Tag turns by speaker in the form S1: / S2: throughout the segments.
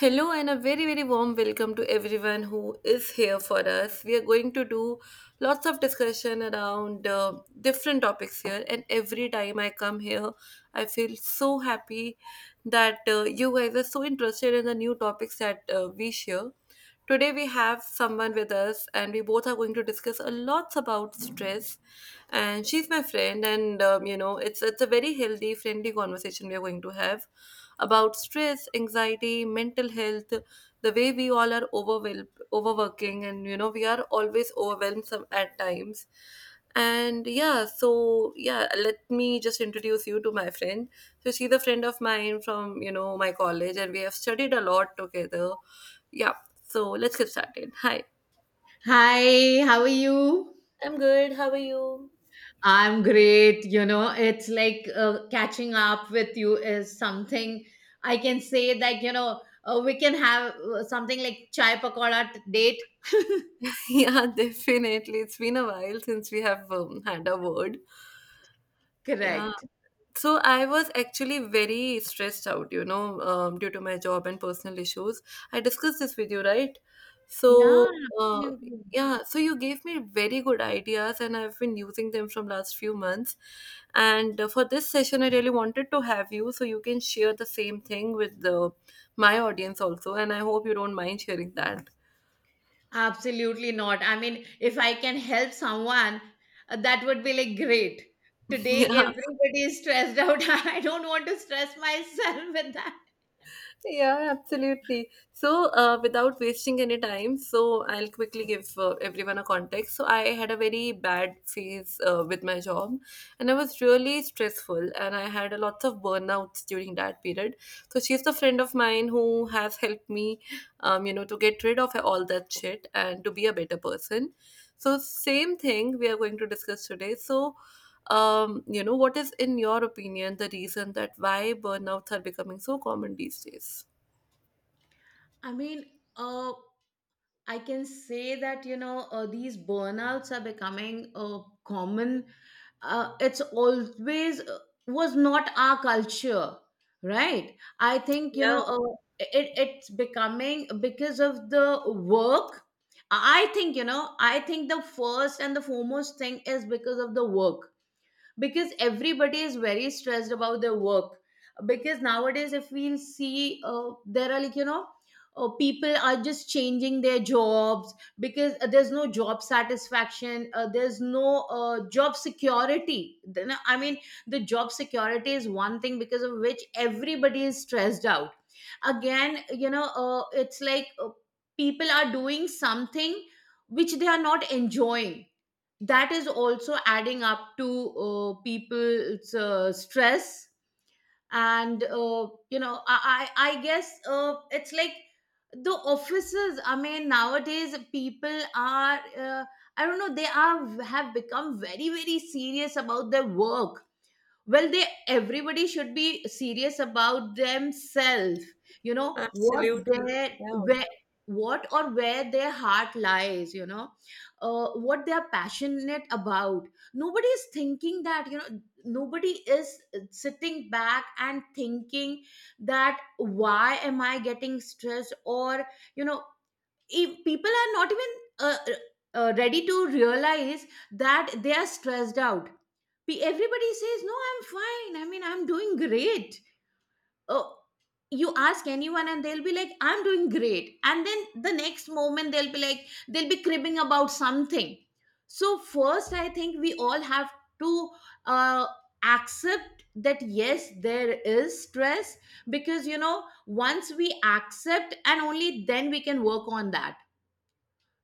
S1: Hello, and a very, very warm welcome to everyone who is here for us. We are going to do lots of discussion around different topics here, and every time I come here, I feel so happy that you guys are so interested in the new topics that we share. Today we have someone with us, and we both are going to discuss a lot about stress. And she's my friend, and it's a very healthy, friendly conversation we are going to have about stress, anxiety, mental health, the way we all are overwhelmed, overworking, and we are always overwhelmed some, at times. And yeah, so yeah, let me just introduce you to my friend. So she's a friend of mine from my college, and we have studied a lot together. Yeah, so let's get started. Hi.
S2: Hi, how are you?
S1: I'm good. How are you?
S2: I'm great. You know, it's like catching up with you is something I can say that, you know, we can have something like chai pakoda date.
S1: Yeah, definitely. It's been a while since we have had a word. Yeah.
S2: Correct.
S1: So I was actually very stressed out, due to my job and personal issues. I discussed this with you, right?
S2: Yeah,
S1: So,
S2: absolutely.
S1: yeah, so you gave me very good ideas, and I've been using them from last few months. And for this session, I really wanted to have you so you can share the same thing with the my audience also. And I hope you don't mind sharing that.
S2: Absolutely not. I mean, if I can help someone, that would be like great. Today,
S1: Yeah.
S2: everybody is stressed out. I don't want to stress myself with that.
S1: Yeah, absolutely. So, without wasting any time, so I'll quickly give everyone a context. So, I had a very bad phase with my job, and I was really stressful, and I had a lots of burnouts during that period. So, she's the friend of mine who has helped me, to get rid of all that shit and to be a better person. So, same thing we are going to discuss today. So, what is in your opinion the reason that why burnouts are becoming so common these days?
S2: I mean, uh, I can say that, you know, these burnouts are becoming common. It's always, was not our culture, right? I think, you
S1: Yeah,
S2: know, it's becoming because of the work. I think, you know. I think the first and the foremost thing is because of the work, because everybody is very stressed about their work, because nowadays, if we'll see, there are, like, you know, people are just changing their jobs because there's no job satisfaction, there's no job security. Then, I mean, the job security is one thing because of which everybody is stressed out. Again, you know, it's like, people are doing something which they are not enjoying. That is also adding up to people's stress. And you know, I guess, it's like the offices. I mean, nowadays, people are, I don't know, they are have become very very serious about their work. Well, they everybody should be serious about themselves, you know, what
S1: absolutely.
S2: their
S1: Yeah.
S2: where, what or where their heart lies, you know, what they are passionate about. Nobody is thinking that, you know, nobody is sitting back and thinking that why am I getting stressed? Or, you know, if people are not even uh, ready to realize that they are stressed out. Everybody says, no, I'm fine, I mean, I'm doing great. Oh, you ask anyone and they'll be like, I'm doing great, and then the next moment they'll be like, they'll be cribbing about something. So first, I think we all have to uh, accept that yes, there is stress, because, you know, once we accept, and only then we can work on that.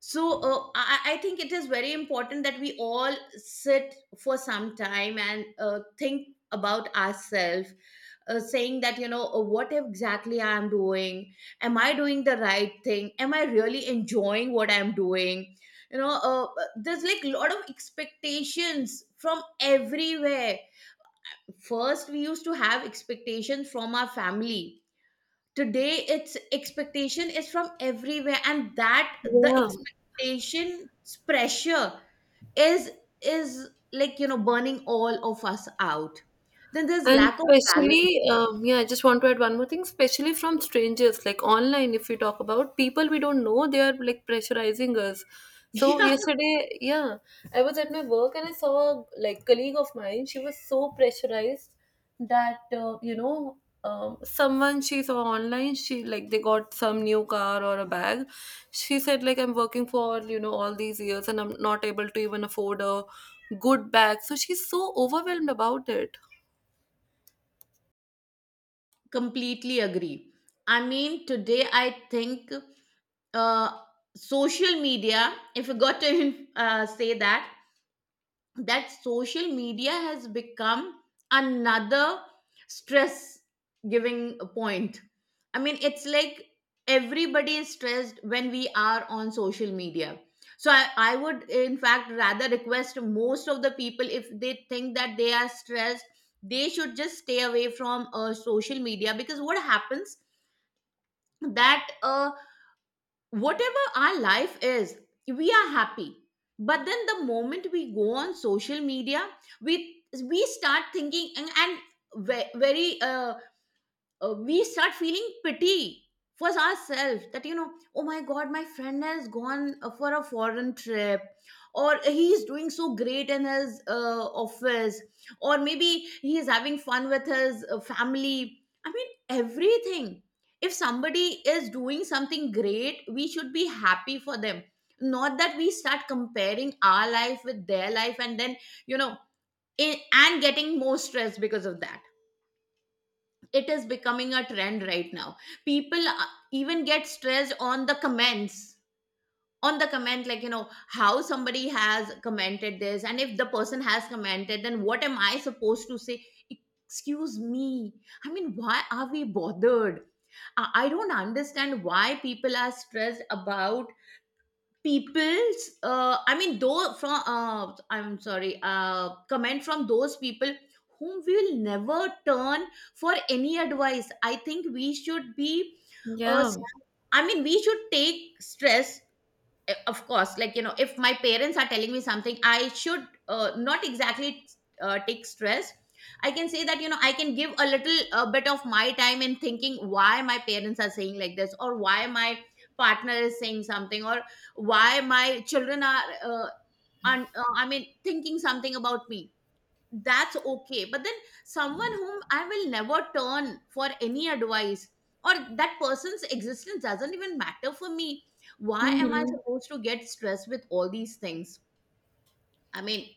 S2: So I think it is very important that we all sit for some time and think about ourselves, saying that, you know, what exactly I am doing? Am I doing the right thing? Am I really enjoying what I'm doing? You know, there's like a lot of expectations from everywhere. First we used to have expectations from our family. Today, it's expectation is from everywhere, and that the
S1: Yeah.
S2: expectation's pressure is is like, you know, burning all of us out. Then there's
S1: And
S2: lack of balance.
S1: especially, yeah, I just want to add one more thing, especially from strangers, like online, if we talk about people we don't know, they are like pressurizing us. So
S2: Yeah,
S1: yesterday, yeah, I was at my work and I saw a like colleague of mine. She was so pressurized that someone she saw online, she like they got some new car or a bag. She said like I'm working for all these years and I'm not able to even afford a good bag. So she's so overwhelmed about it.
S2: completely agree. I mean, today I think, uh social media, if you got to say that, that social media has become another stress giving point. I mean, it's like everybody is stressed when we are on social media. So I would, in fact, rather request most of the people, if they think that they are stressed, they should just stay away from social media. Because what happens, that whatever our life is, we are happy. But then the moment we go on social media, we start thinking and very we start feeling pity for ourselves that, you know, oh my god, my friend has gone for a foreign trip, or He is doing so great in his office, or maybe he is having fun with his family." I mean, everything, if somebody is doing something great, we should be happy for them, not that we start comparing our life with their life, and then, you know, and getting more stressed because of that. It is becoming a trend right now. People even get stressed on the comments, on the comment, like, you know, how somebody has commented this, and if the person has commented, then what am I supposed to say? Excuse me, I mean, why are we bothered? I don't understand why people are stressed about people's, I mean, though from, I'm sorry, comment from those people whom we will never turn for any advice. I think we should be uh,
S1: Yeah.
S2: I mean, we should take stress, of course, like, you know, if my parents are telling me something, I should not exactly take stress. I can say that, you know, I can give a little bit of my time in thinking why my parents are saying like this, or why my partner is saying something, or why my children are uh, I mean, thinking something about me. That's okay. But then someone whom I will never turn for any advice, or that person's existence doesn't even matter for me, why am I
S1: Mm-hmm.
S2: supposed to get stressed with all these things? I mean,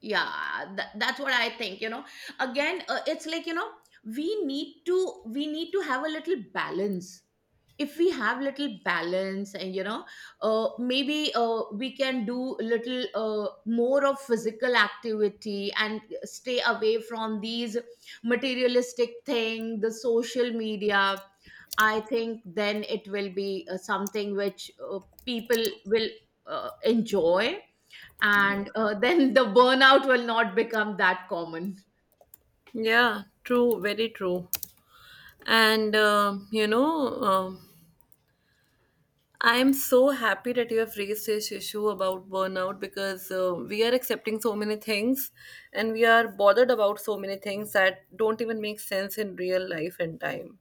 S2: yeah, that's what I think. You know, again, it's like, you know, we need to have a little balance. If we have little balance, and you know, maybe we can do little more of physical activity and stay away from these materialistic thing, the social media. I think then it will be something which people will enjoy, and then the burnout will not become that common.
S1: Yeah, true, very true. And I'm so happy that you have raised this issue about burnout because we are accepting so many things and we are bothered about so many things that don't even make sense in real life and time.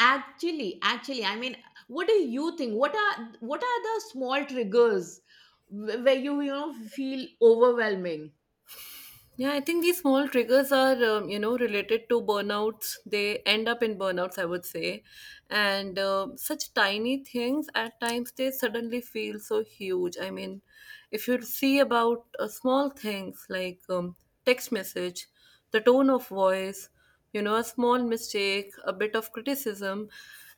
S2: Actually, actually, I mean, what do you think? What are the small triggers where you know, feel overwhelming?
S1: Yeah, I think these small triggers are, related to burnouts. They end up in burnouts, I would say. And such tiny things at times they suddenly feel so huge. I mean, if you see about small things like text message, the tone of voice, a small mistake, a bit of criticism,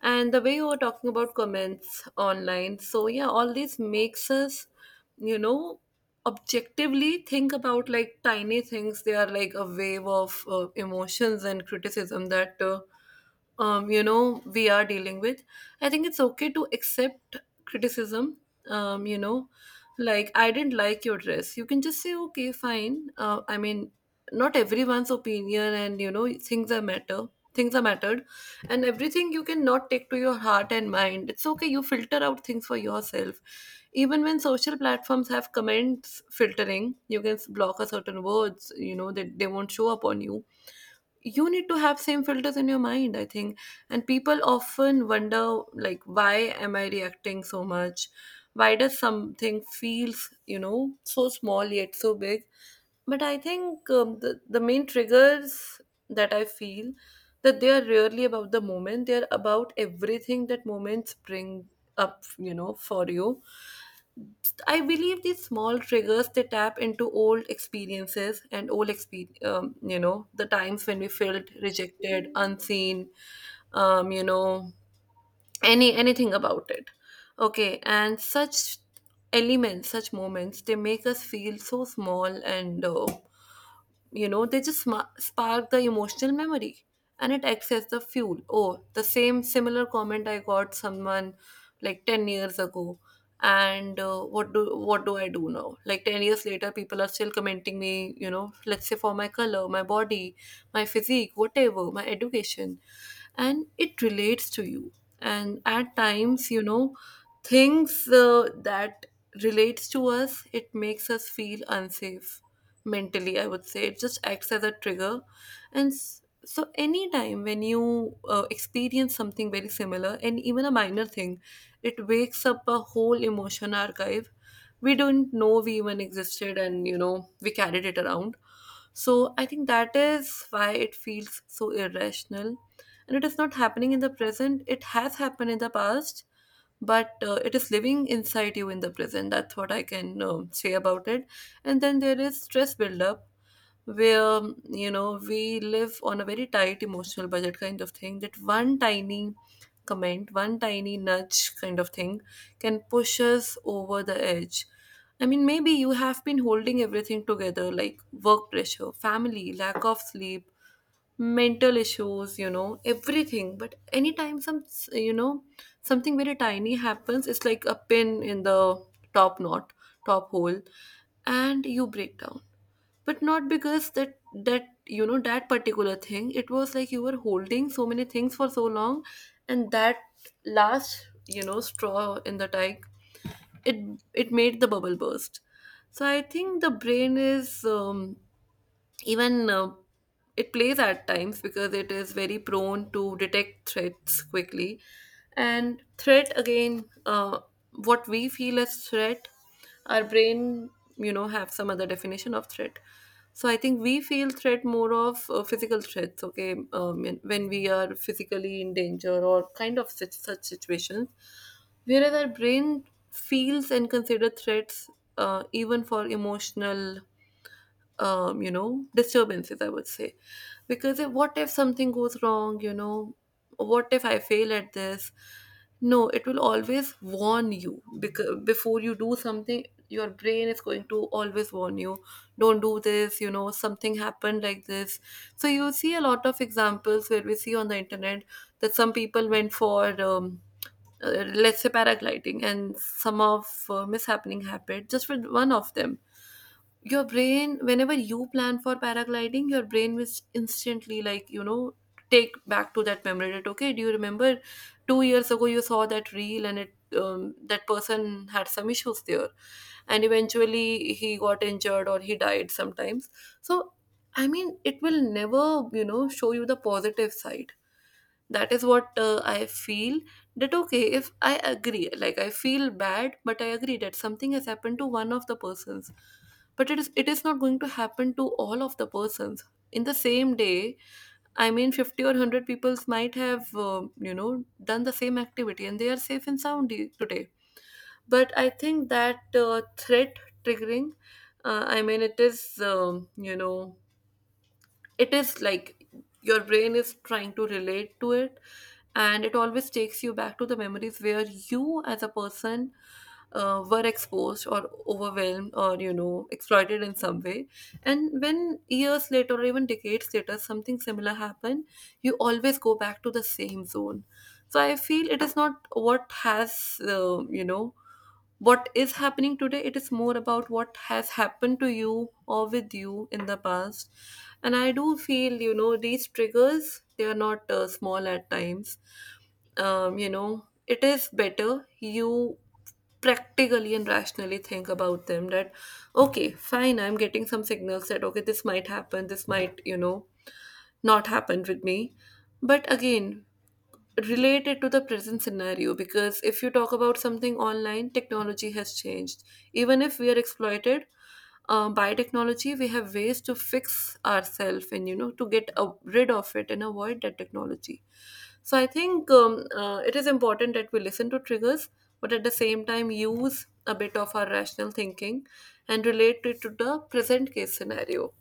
S1: and the way you were talking about comments online. So, yeah, all these makes us you know objectively think about like tiny things. They are like a wave of emotions and criticism that we are dealing with. I think it's okay to accept criticism. Um, you know like I didn't like your dress. You can just say, okay, fine. I mean, not everyone's opinion and things are matter, things are mattered, and everything you cannot take to your heart and mind. It's okay, you filter out things for yourself. Even when social platforms have comments filtering, you can block a certain words, that they won't show up on you. You need to have same filters in your mind, I think. And people often wonder like, why am I reacting so much? Why does something feels, so small yet so big? But I think the main triggers that I feel, that they are rarely about the moment, they are about everything that moments bring up, for you. I believe these small triggers, they tap into old experiences and old expe- you know the times when we felt rejected, unseen, um, you know anything about it. Okay, and such elements, such moments, they make us feel so small, and they just sma spark the emotional memory, and it acts as the fuel. Oh, the same similar comment I got someone like 10 years ago. And what do I do now? Like 10 years later, people are still commenting me, let's say, for my color, my body, my physique, whatever, my education. And it relates to you. And at times, things that relates to us, it makes us feel unsafe mentally, I would say. It just acts as a trigger. And so anytime when you experience something very similar, and even a minor thing, it wakes up a whole emotion archive we don't know we even existed, and we carried it around. So I think that is why it feels so irrational. And it is not happening in the present, it has happened in the past, but it is living inside you in the present. That's what I can say about it. And then there is stress buildup, where we live on a very tight emotional budget kind of thing, that one tiny comment, one tiny nudge kind of thing, can push us over the edge. I mean, maybe you have been holding everything together, like work pressure, family, lack of sleep, mental issues, everything, but anytime you know something very tiny happens, it's like a pin in the top knot top hole, and you break down. But not because that that you know that particular thing, it was like you were holding so many things for so long, and that last straw in the tank, it it made the bubble burst. So I think the brain is even it plays at times, because it is very prone to detect threats quickly. And threat, again, what we feel as threat, our brain have some other definition of threat. So I think we feel threat more of physical threats. Okay, when we are physically in danger or kind of such situations, whereas our brain feels and considers threats even for emotional disturbances, I would say. Because if, what if something goes wrong, what if I fail at this? No, it will always warn you. Because before you do something, your brain is going to always warn you, don't do this, something happened like this. So you see a lot of examples where we see on the internet that some people went for, let's say, paragliding, and some of mishappening happened just with one of them. Your brain, whenever you plan for paragliding, your brain will instantly, like, take back to that memory, that okay, do you remember 2 years ago you saw that reel, and it that person had some issues there, and eventually he got injured or he died sometimes. So I mean, it will never show you the positive side. That is what I feel. That okay, if I agree, like I feel bad, but I agree that something has happened to one of the persons, but it is not going to happen to all of the persons in the same day. I mean, 50 or 100 people might have done the same activity, and they are safe and sound today. But I think that threat triggering, I mean, it is um, you know it is like, your brain is trying to relate to it, and it always takes you back to the memories where you, as a person, were exposed or overwhelmed or exploited in some way. And when years later or even decades later something similar happened, you always go back to the same zone. So I feel it is not what has uh, you know what is happening today. It is more about what has happened to you or with you in the past. And I do feel, these triggers, they are not small at times. It is better you practically and rationally think about them. That okay, fine, I'm getting some signals that okay, this might happen, this might not happen with me, but again, related to the present scenario, because if you talk about something online, technology has changed. Even if we are exploited by technology, we have ways to fix ourselves and to get rid of it and avoid that technology. So I think it is important that we listen to triggers, but at the same time use a bit of our rational thinking and relate it to the present case scenario,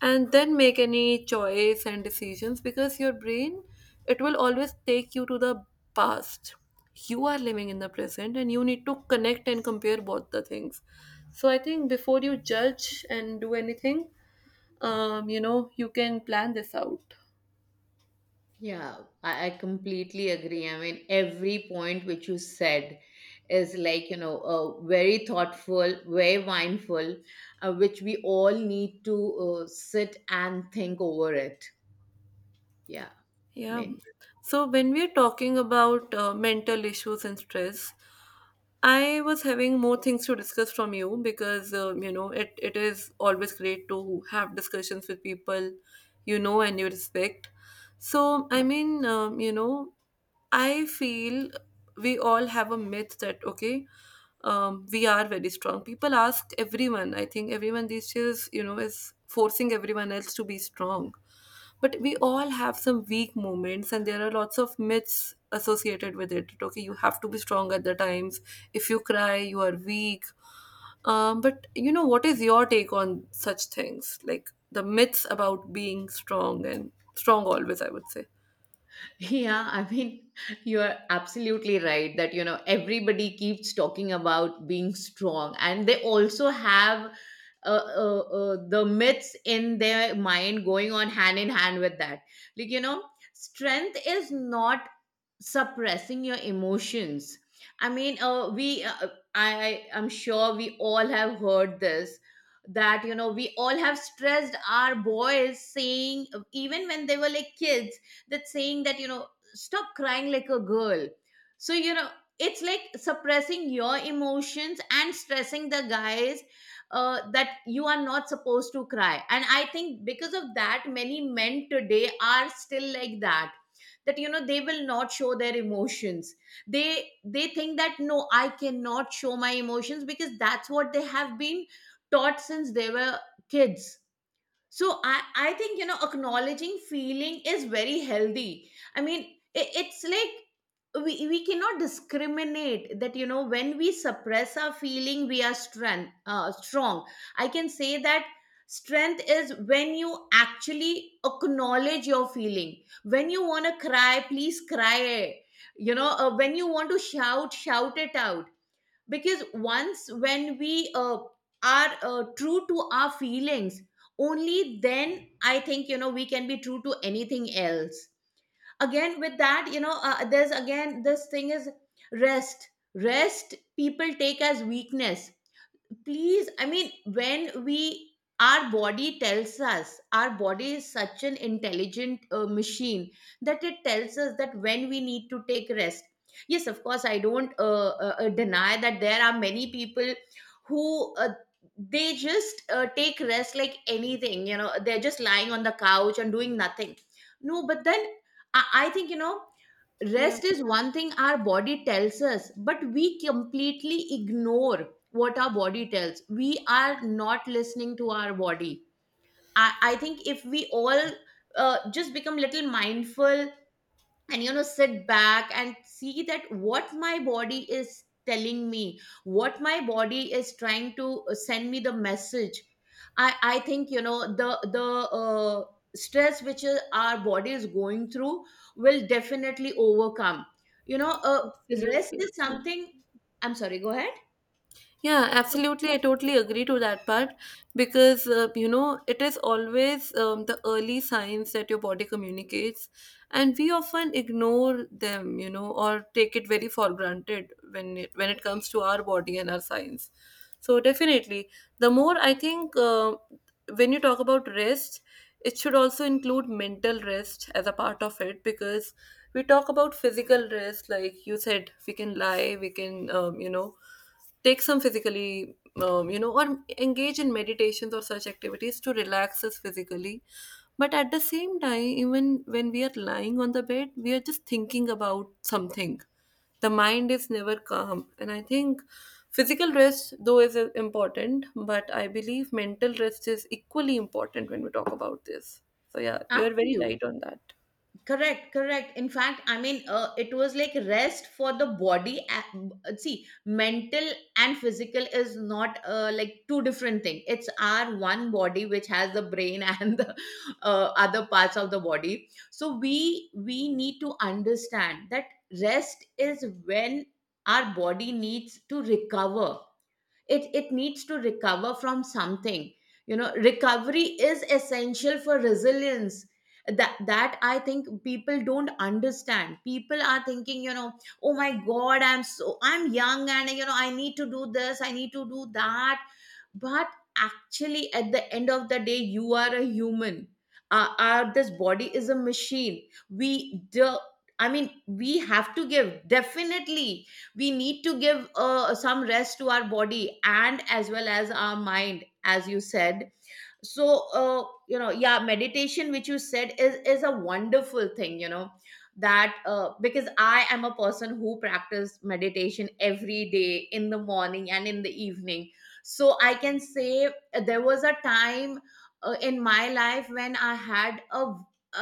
S1: and then make any choice and decisions, because your brain, it will always take you to the past. You are living in the present and you need to connect and compare both the things. So I think before you judge and do anything, you can plan this out.
S2: Yeah, I completely agree. I mean, every point which you said is like, you know, very thoughtful, very mindful, which we all need to sit and think over it. Yeah, I
S1: Yeah.
S2: mean,
S1: So when we are talking about mental issues and stress, I was having more things to discuss from you, because it is always great to have discussions with people you know and you respect. So, I mean, I feel we all have a myth that, okay, we are very strong. People ask everyone. I think everyone these days is forcing everyone else to be strong, but we all have some weak moments and there are lots of myths associated with it. Okay, you have to be strong at the times; if you cry you are weak. But what is your take on such things, like the myths about being strong, and strong always, I would say?
S2: yeah, I mean, you are absolutely right that, you know, everybody keeps talking about being strong, and they also have the myths in their mind going on hand in hand with that. Like, you know, strength is not suppressing your emotions. I mean, we I'm sure we all have heard this, that, you know, we all have stressed our boys saying, even when they were like kids, that saying that, you know, stop crying like a girl. So, you know, it's like suppressing your emotions and stressing the guys, that you are not supposed to cry. And I think because of that, many men today are still like that, that, you know, they will not show their emotions. They they think that no, I cannot show my emotions, because that's what they have been taught since they were kids. So I think, you know, acknowledging feeling is very healthy. I mean, it, it's like we cannot discriminate that, you know, when we suppress our feeling, we are strength strong. I can say that strength is when you actually acknowledge your feeling. When you want to cry, please cry. You know, when you want to shout, shout it out. Because once when we are true to our feelings, only then, I think, you know, we can be true to anything else. Again with that, you know, there's again this thing is rest. Rest people take as weakness. Please, I mean, when we our body tells us, our body is such an intelligent machine, that it tells us that when we need to take rest. Yes, of course, I don't deny that there are many people who they just take rest like anything, you know, they're just lying on the couch and doing nothing. No, but then I think, you know,
S1: Yeah,
S2: rest is one thing our body tells us, but we completely ignore what our body tells. We are not listening to our body. I think if we all just become little mindful, and you know, sit back and see that what my body is telling me, what my body is trying to send me the message. I think, you know, the uh, stress which is our body is going through will definitely overcome, you know, rest
S1: absolutely.
S2: is something, I'm sorry, go ahead.
S1: Yeah, absolutely. I totally agree to that part because, it is always the early signs that your body communicates, and we often ignore them, or take it very for granted, when it comes to our body and our signs. So, definitely, the more I think, when you talk about rest, it should also include mental rest as a part of it, because we talk about physical rest. Like you said, we can lie, we can, take some physically, or engage in meditations or such activities to relax us physically. But at the same time, even when we are lying on the bed, we are just thinking about something. The mind is never calm, and I think physical rest though is important, but I believe mental rest is equally important when we talk about this. So yeah, you are
S2: After
S1: very
S2: you.
S1: right on that.
S2: Correct, correct. In fact, I mean, it was like rest for the body. See, mental and physical is not like two different thing. It's our one body which has the brain and the other parts of the body. So we need to understand that rest is when our body needs to recover, it needs to recover from something. You know, recovery is essential for resilience. That I think people don't understand. People are thinking, you know, oh my god, I'm young and I need to do this, I need to do that. But actually, at the end of the day, you are a human. Our this body is a machine. we do, I mean, we have to give, definitely we need to give some rest to our body and as well as our mind, as you said. So you know, yeah, meditation, which you said, is a wonderful thing, that because I am a person who practice meditation every day, in the morning and in the evening. So I can say there was a time in my life when I had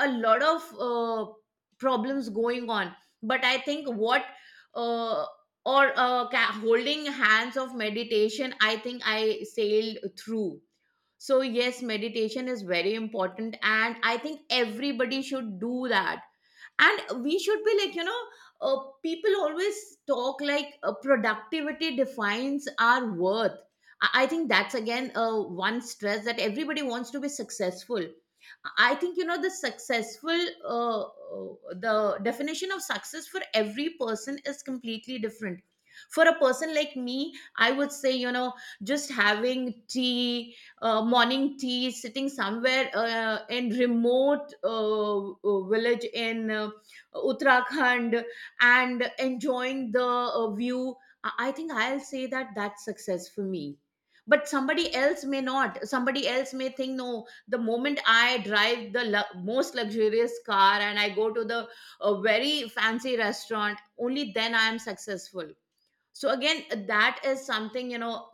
S2: a lot of problems going on. But I think what uh, holding hands of meditation, I think I sailed through. So, yes, meditation is very important, and I think everybody should do that. And we should be like, you know, uh, people always talk like productivity defines our worth. I think that's again one stress, that everybody wants to be successful. I think, you know, the successful, uh, the definition of success for every person is completely different. For a person like me, I would say, you know, just having tea, morning tea, sitting somewhere in remote village in Uttarakhand and enjoying the view, I think I'll say that that's success for me. But somebody else may not. Somebody else may think, no, the moment I drive the most luxurious car and I go to the a very fancy restaurant, only then I am successful. So again, that is something, you know.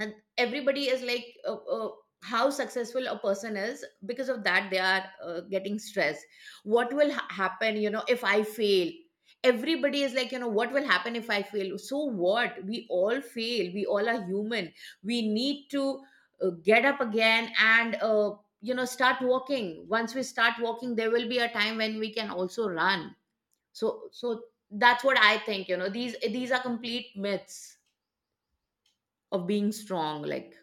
S2: And everybody is like, how successful a person is, because of that they are getting stressed. What will happen, you know, if I fail? Everybody is like, you know, what will happen if I fail? So what? We all fail, we all are human. We need to get up again and you know, start walking. Once we start walking, there will be a time when we can also run. So that's what I think, you know, these are complete myths of being strong, like.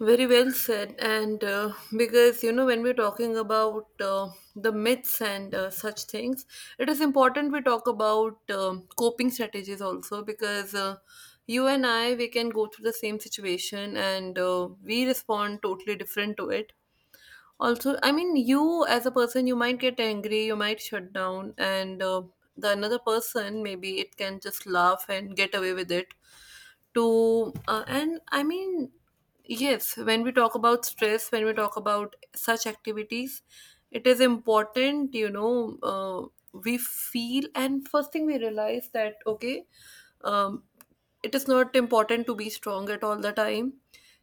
S1: Very well said. And because, when we're talking about the myths and such things, it is important we talk about coping strategies also, because you and I, we can go through the same situation, and we respond totally different to it. Also, I mean, you as a person, you might get angry, you might shut down, and the another person, maybe it can just laugh and get away with it. To and I mean, yes, when we talk about stress, when we talk about such activities, it is important, we feel, and first thing we realize that, okay, um, it is not important to be strong at all the time.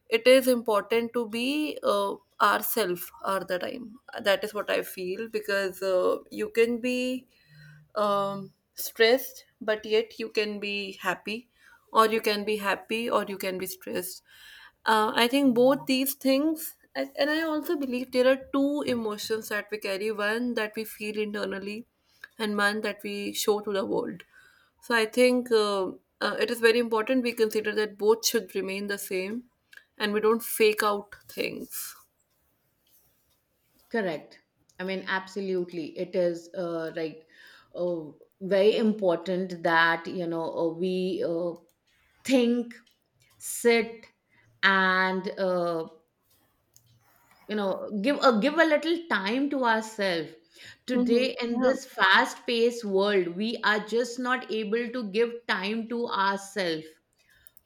S1: It is important to be ourself all the time. That is what I feel, because you can be stressed, but yet you can be happy, or you can be happy, or you can be stressed. I think both these things, and I also believe there are two emotions that we carry, one that we feel internally, and one that we show to the world. So I think it is very important we consider that both should remain the same and we don't fake out things.
S2: Correct. I mean, absolutely, it is like uh, very important that, you know, we think, sit, and you know, give a give a little time to ourselves.
S1: Hmm,
S2: Today, in
S1: yeah.
S2: this fast paced world, we are just not able to give time to ourselves.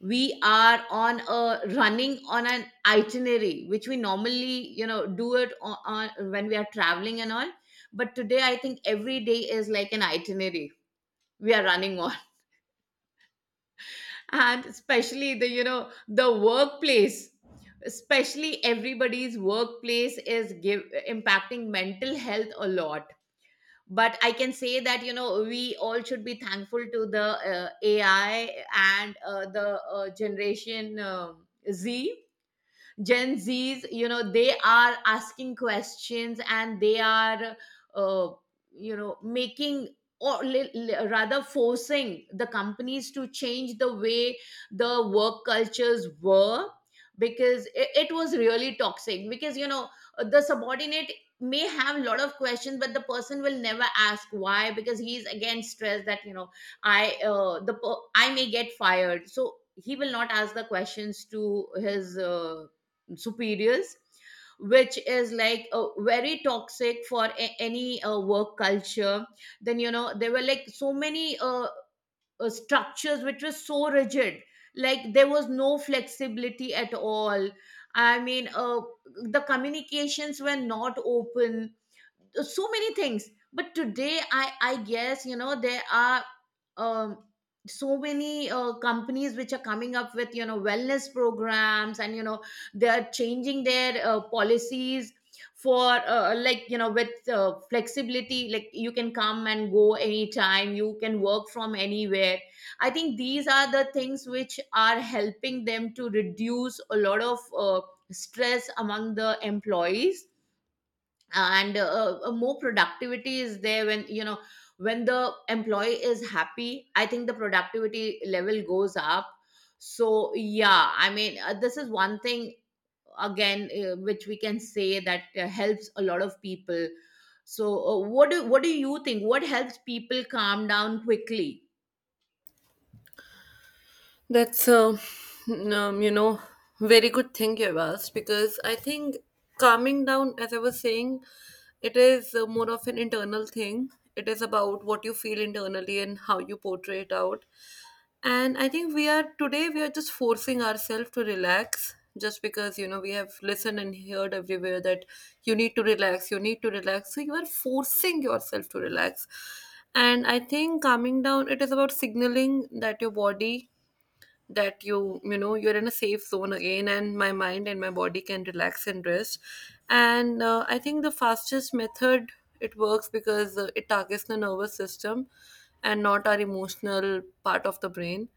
S2: We are on a running on an itinerary which we normally, you know, do it on when we are traveling and all. But today I think every day is like an itinerary we are running on. And especially the, you know, the workplace, especially everybody's workplace is impacting mental health a lot. But I can say that, you know, we all should be thankful to the AI and the generation Z, Gen Z's, you know, they are asking questions, and they are uh, you know, making, rather forcing the companies to change the way the work cultures were. Because it was really toxic, because you know, the subordinate may have a lot of questions, but the person will never ask why, because he's again stressed that, you know, I may get fired. So he will not ask the questions to his superiors, which is like very toxic for any work culture. Then you know, there were like so many structures which were so rigid. Like there was no flexibility at all. I mean, the communications were not open, so many things. But today, I guess, you know, there are um so many companies which are coming up with, you know, wellness programs, and you know, they are changing their policies for like, you know, with flexibility. Like you can come and go anytime, you can work from anywhere. I think these are the things which are helping them to reduce a lot of uh, stress among the employees. And more productivity is there when, you know, when the employee is happy, I think the productivity level goes up. So yeah, I mean, this is one thing, again, which we can say that helps a lot of people. So what do you think, what helps people calm down quickly?
S1: That's a, um, you know, very good thing you've asked, because I think calming down, as I was saying, it is more of an internal thing. It is about what you feel internally and how you portray it out. And I think we are today, we are just forcing ourselves to relax, just because, we have listened and heard everywhere that you need to relax, you need to relax. So you are forcing yourself to relax. And I think calming down, it is about signaling that your body, that you know you're in a safe zone again, and my mind and my body can relax and rest. And I think the fastest method, it works because it targets the nervous system and not our emotional part of the brain.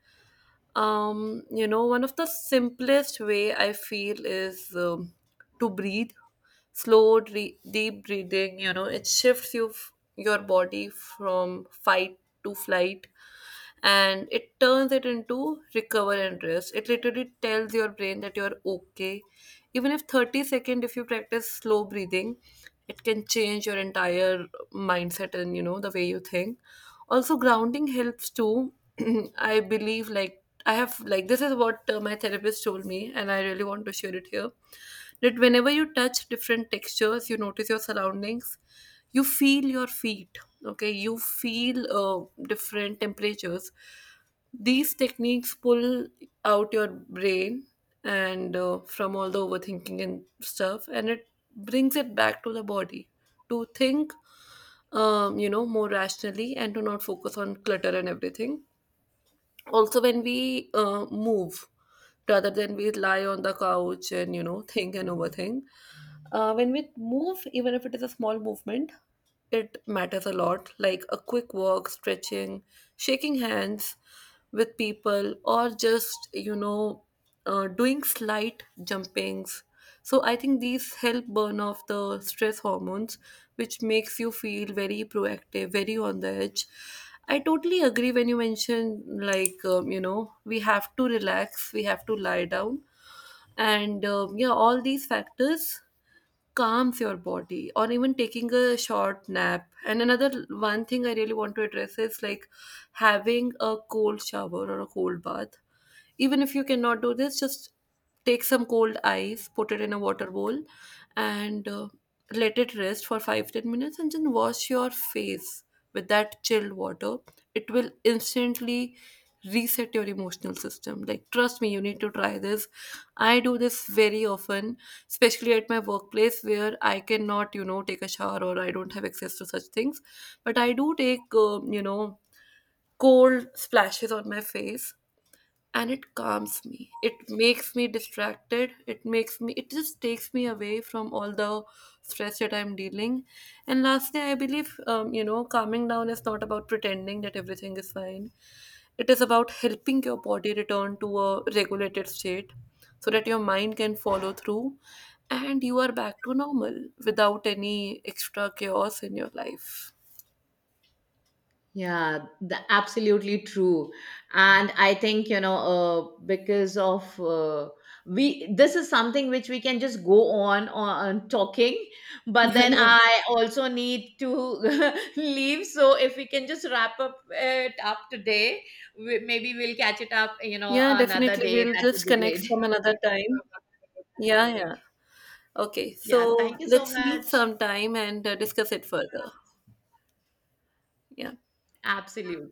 S1: One of the simplest way I feel is, to breathe. Slow deep breathing, it shifts your body from fight to flight, and it turns it into recover and rest. It literally tells your brain that you're okay. Even if 30 second, if you practice slow breathing, it can change your entire mindset, and the way you think. Also, grounding helps too. I believe, like I have like this is what my therapist told me, and I really want to share it here. That whenever you touch different textures, you notice your surroundings, you feel your feet. Okay, you feel different temperatures. These techniques pull out your brain, and from all the overthinking and stuff, and it brings it back to the body, to think more rationally, and to not focus on clutter and everything. Also, when we move, rather than we lie on the couch and think and overthink, when we move, even if it is a small movement, it matters a lot. Like a quick walk, stretching, shaking hands with people, or just, doing slight jumpings. So I think these help burn off the stress hormones, which makes you feel very proactive, very on the edge. I totally agree when you mention, like, we have to relax, we have to lie down, and yeah, all these factors calms your body, or even taking a short nap. And another one thing I really want to address is, like, having a cold shower or a cold bath. Even if you cannot do this, just take some cold ice, put it in a water bowl, and let it rest for 5-10 minutes, and then wash your face with that chilled water. It will instantly reset your emotional system. Like, trust me, you need to try this. I do this very often, especially at my workplace, where I cannot, take a shower, or I don't have access to such things. But I do take, cold splashes on my face, and it calms me. It makes me distracted. It just takes me away from all the stress that I'm dealing. And lastly, I believe, calming down is not about pretending that everything is fine. It is about helping your body return to a regulated state, so that your mind can follow through and you are back to normal without any extra chaos in your life.
S2: Yeah, absolutely true. And I think, you know, this is something which we can just go on talking, but then
S1: Yeah.
S2: I also need to leave. So if we can just wrap up it up today, maybe we'll catch it up, you know,
S1: Yeah,
S2: another
S1: definitely,
S2: day.
S1: we'll
S2: That would
S1: just
S2: be
S1: connect
S2: great.
S1: from another time. Yeah, yeah. Okay,
S2: Yeah,
S1: so
S2: thank you so
S1: let's meet
S2: much.
S1: sometime and discuss it further. Yeah.
S2: Absolutely.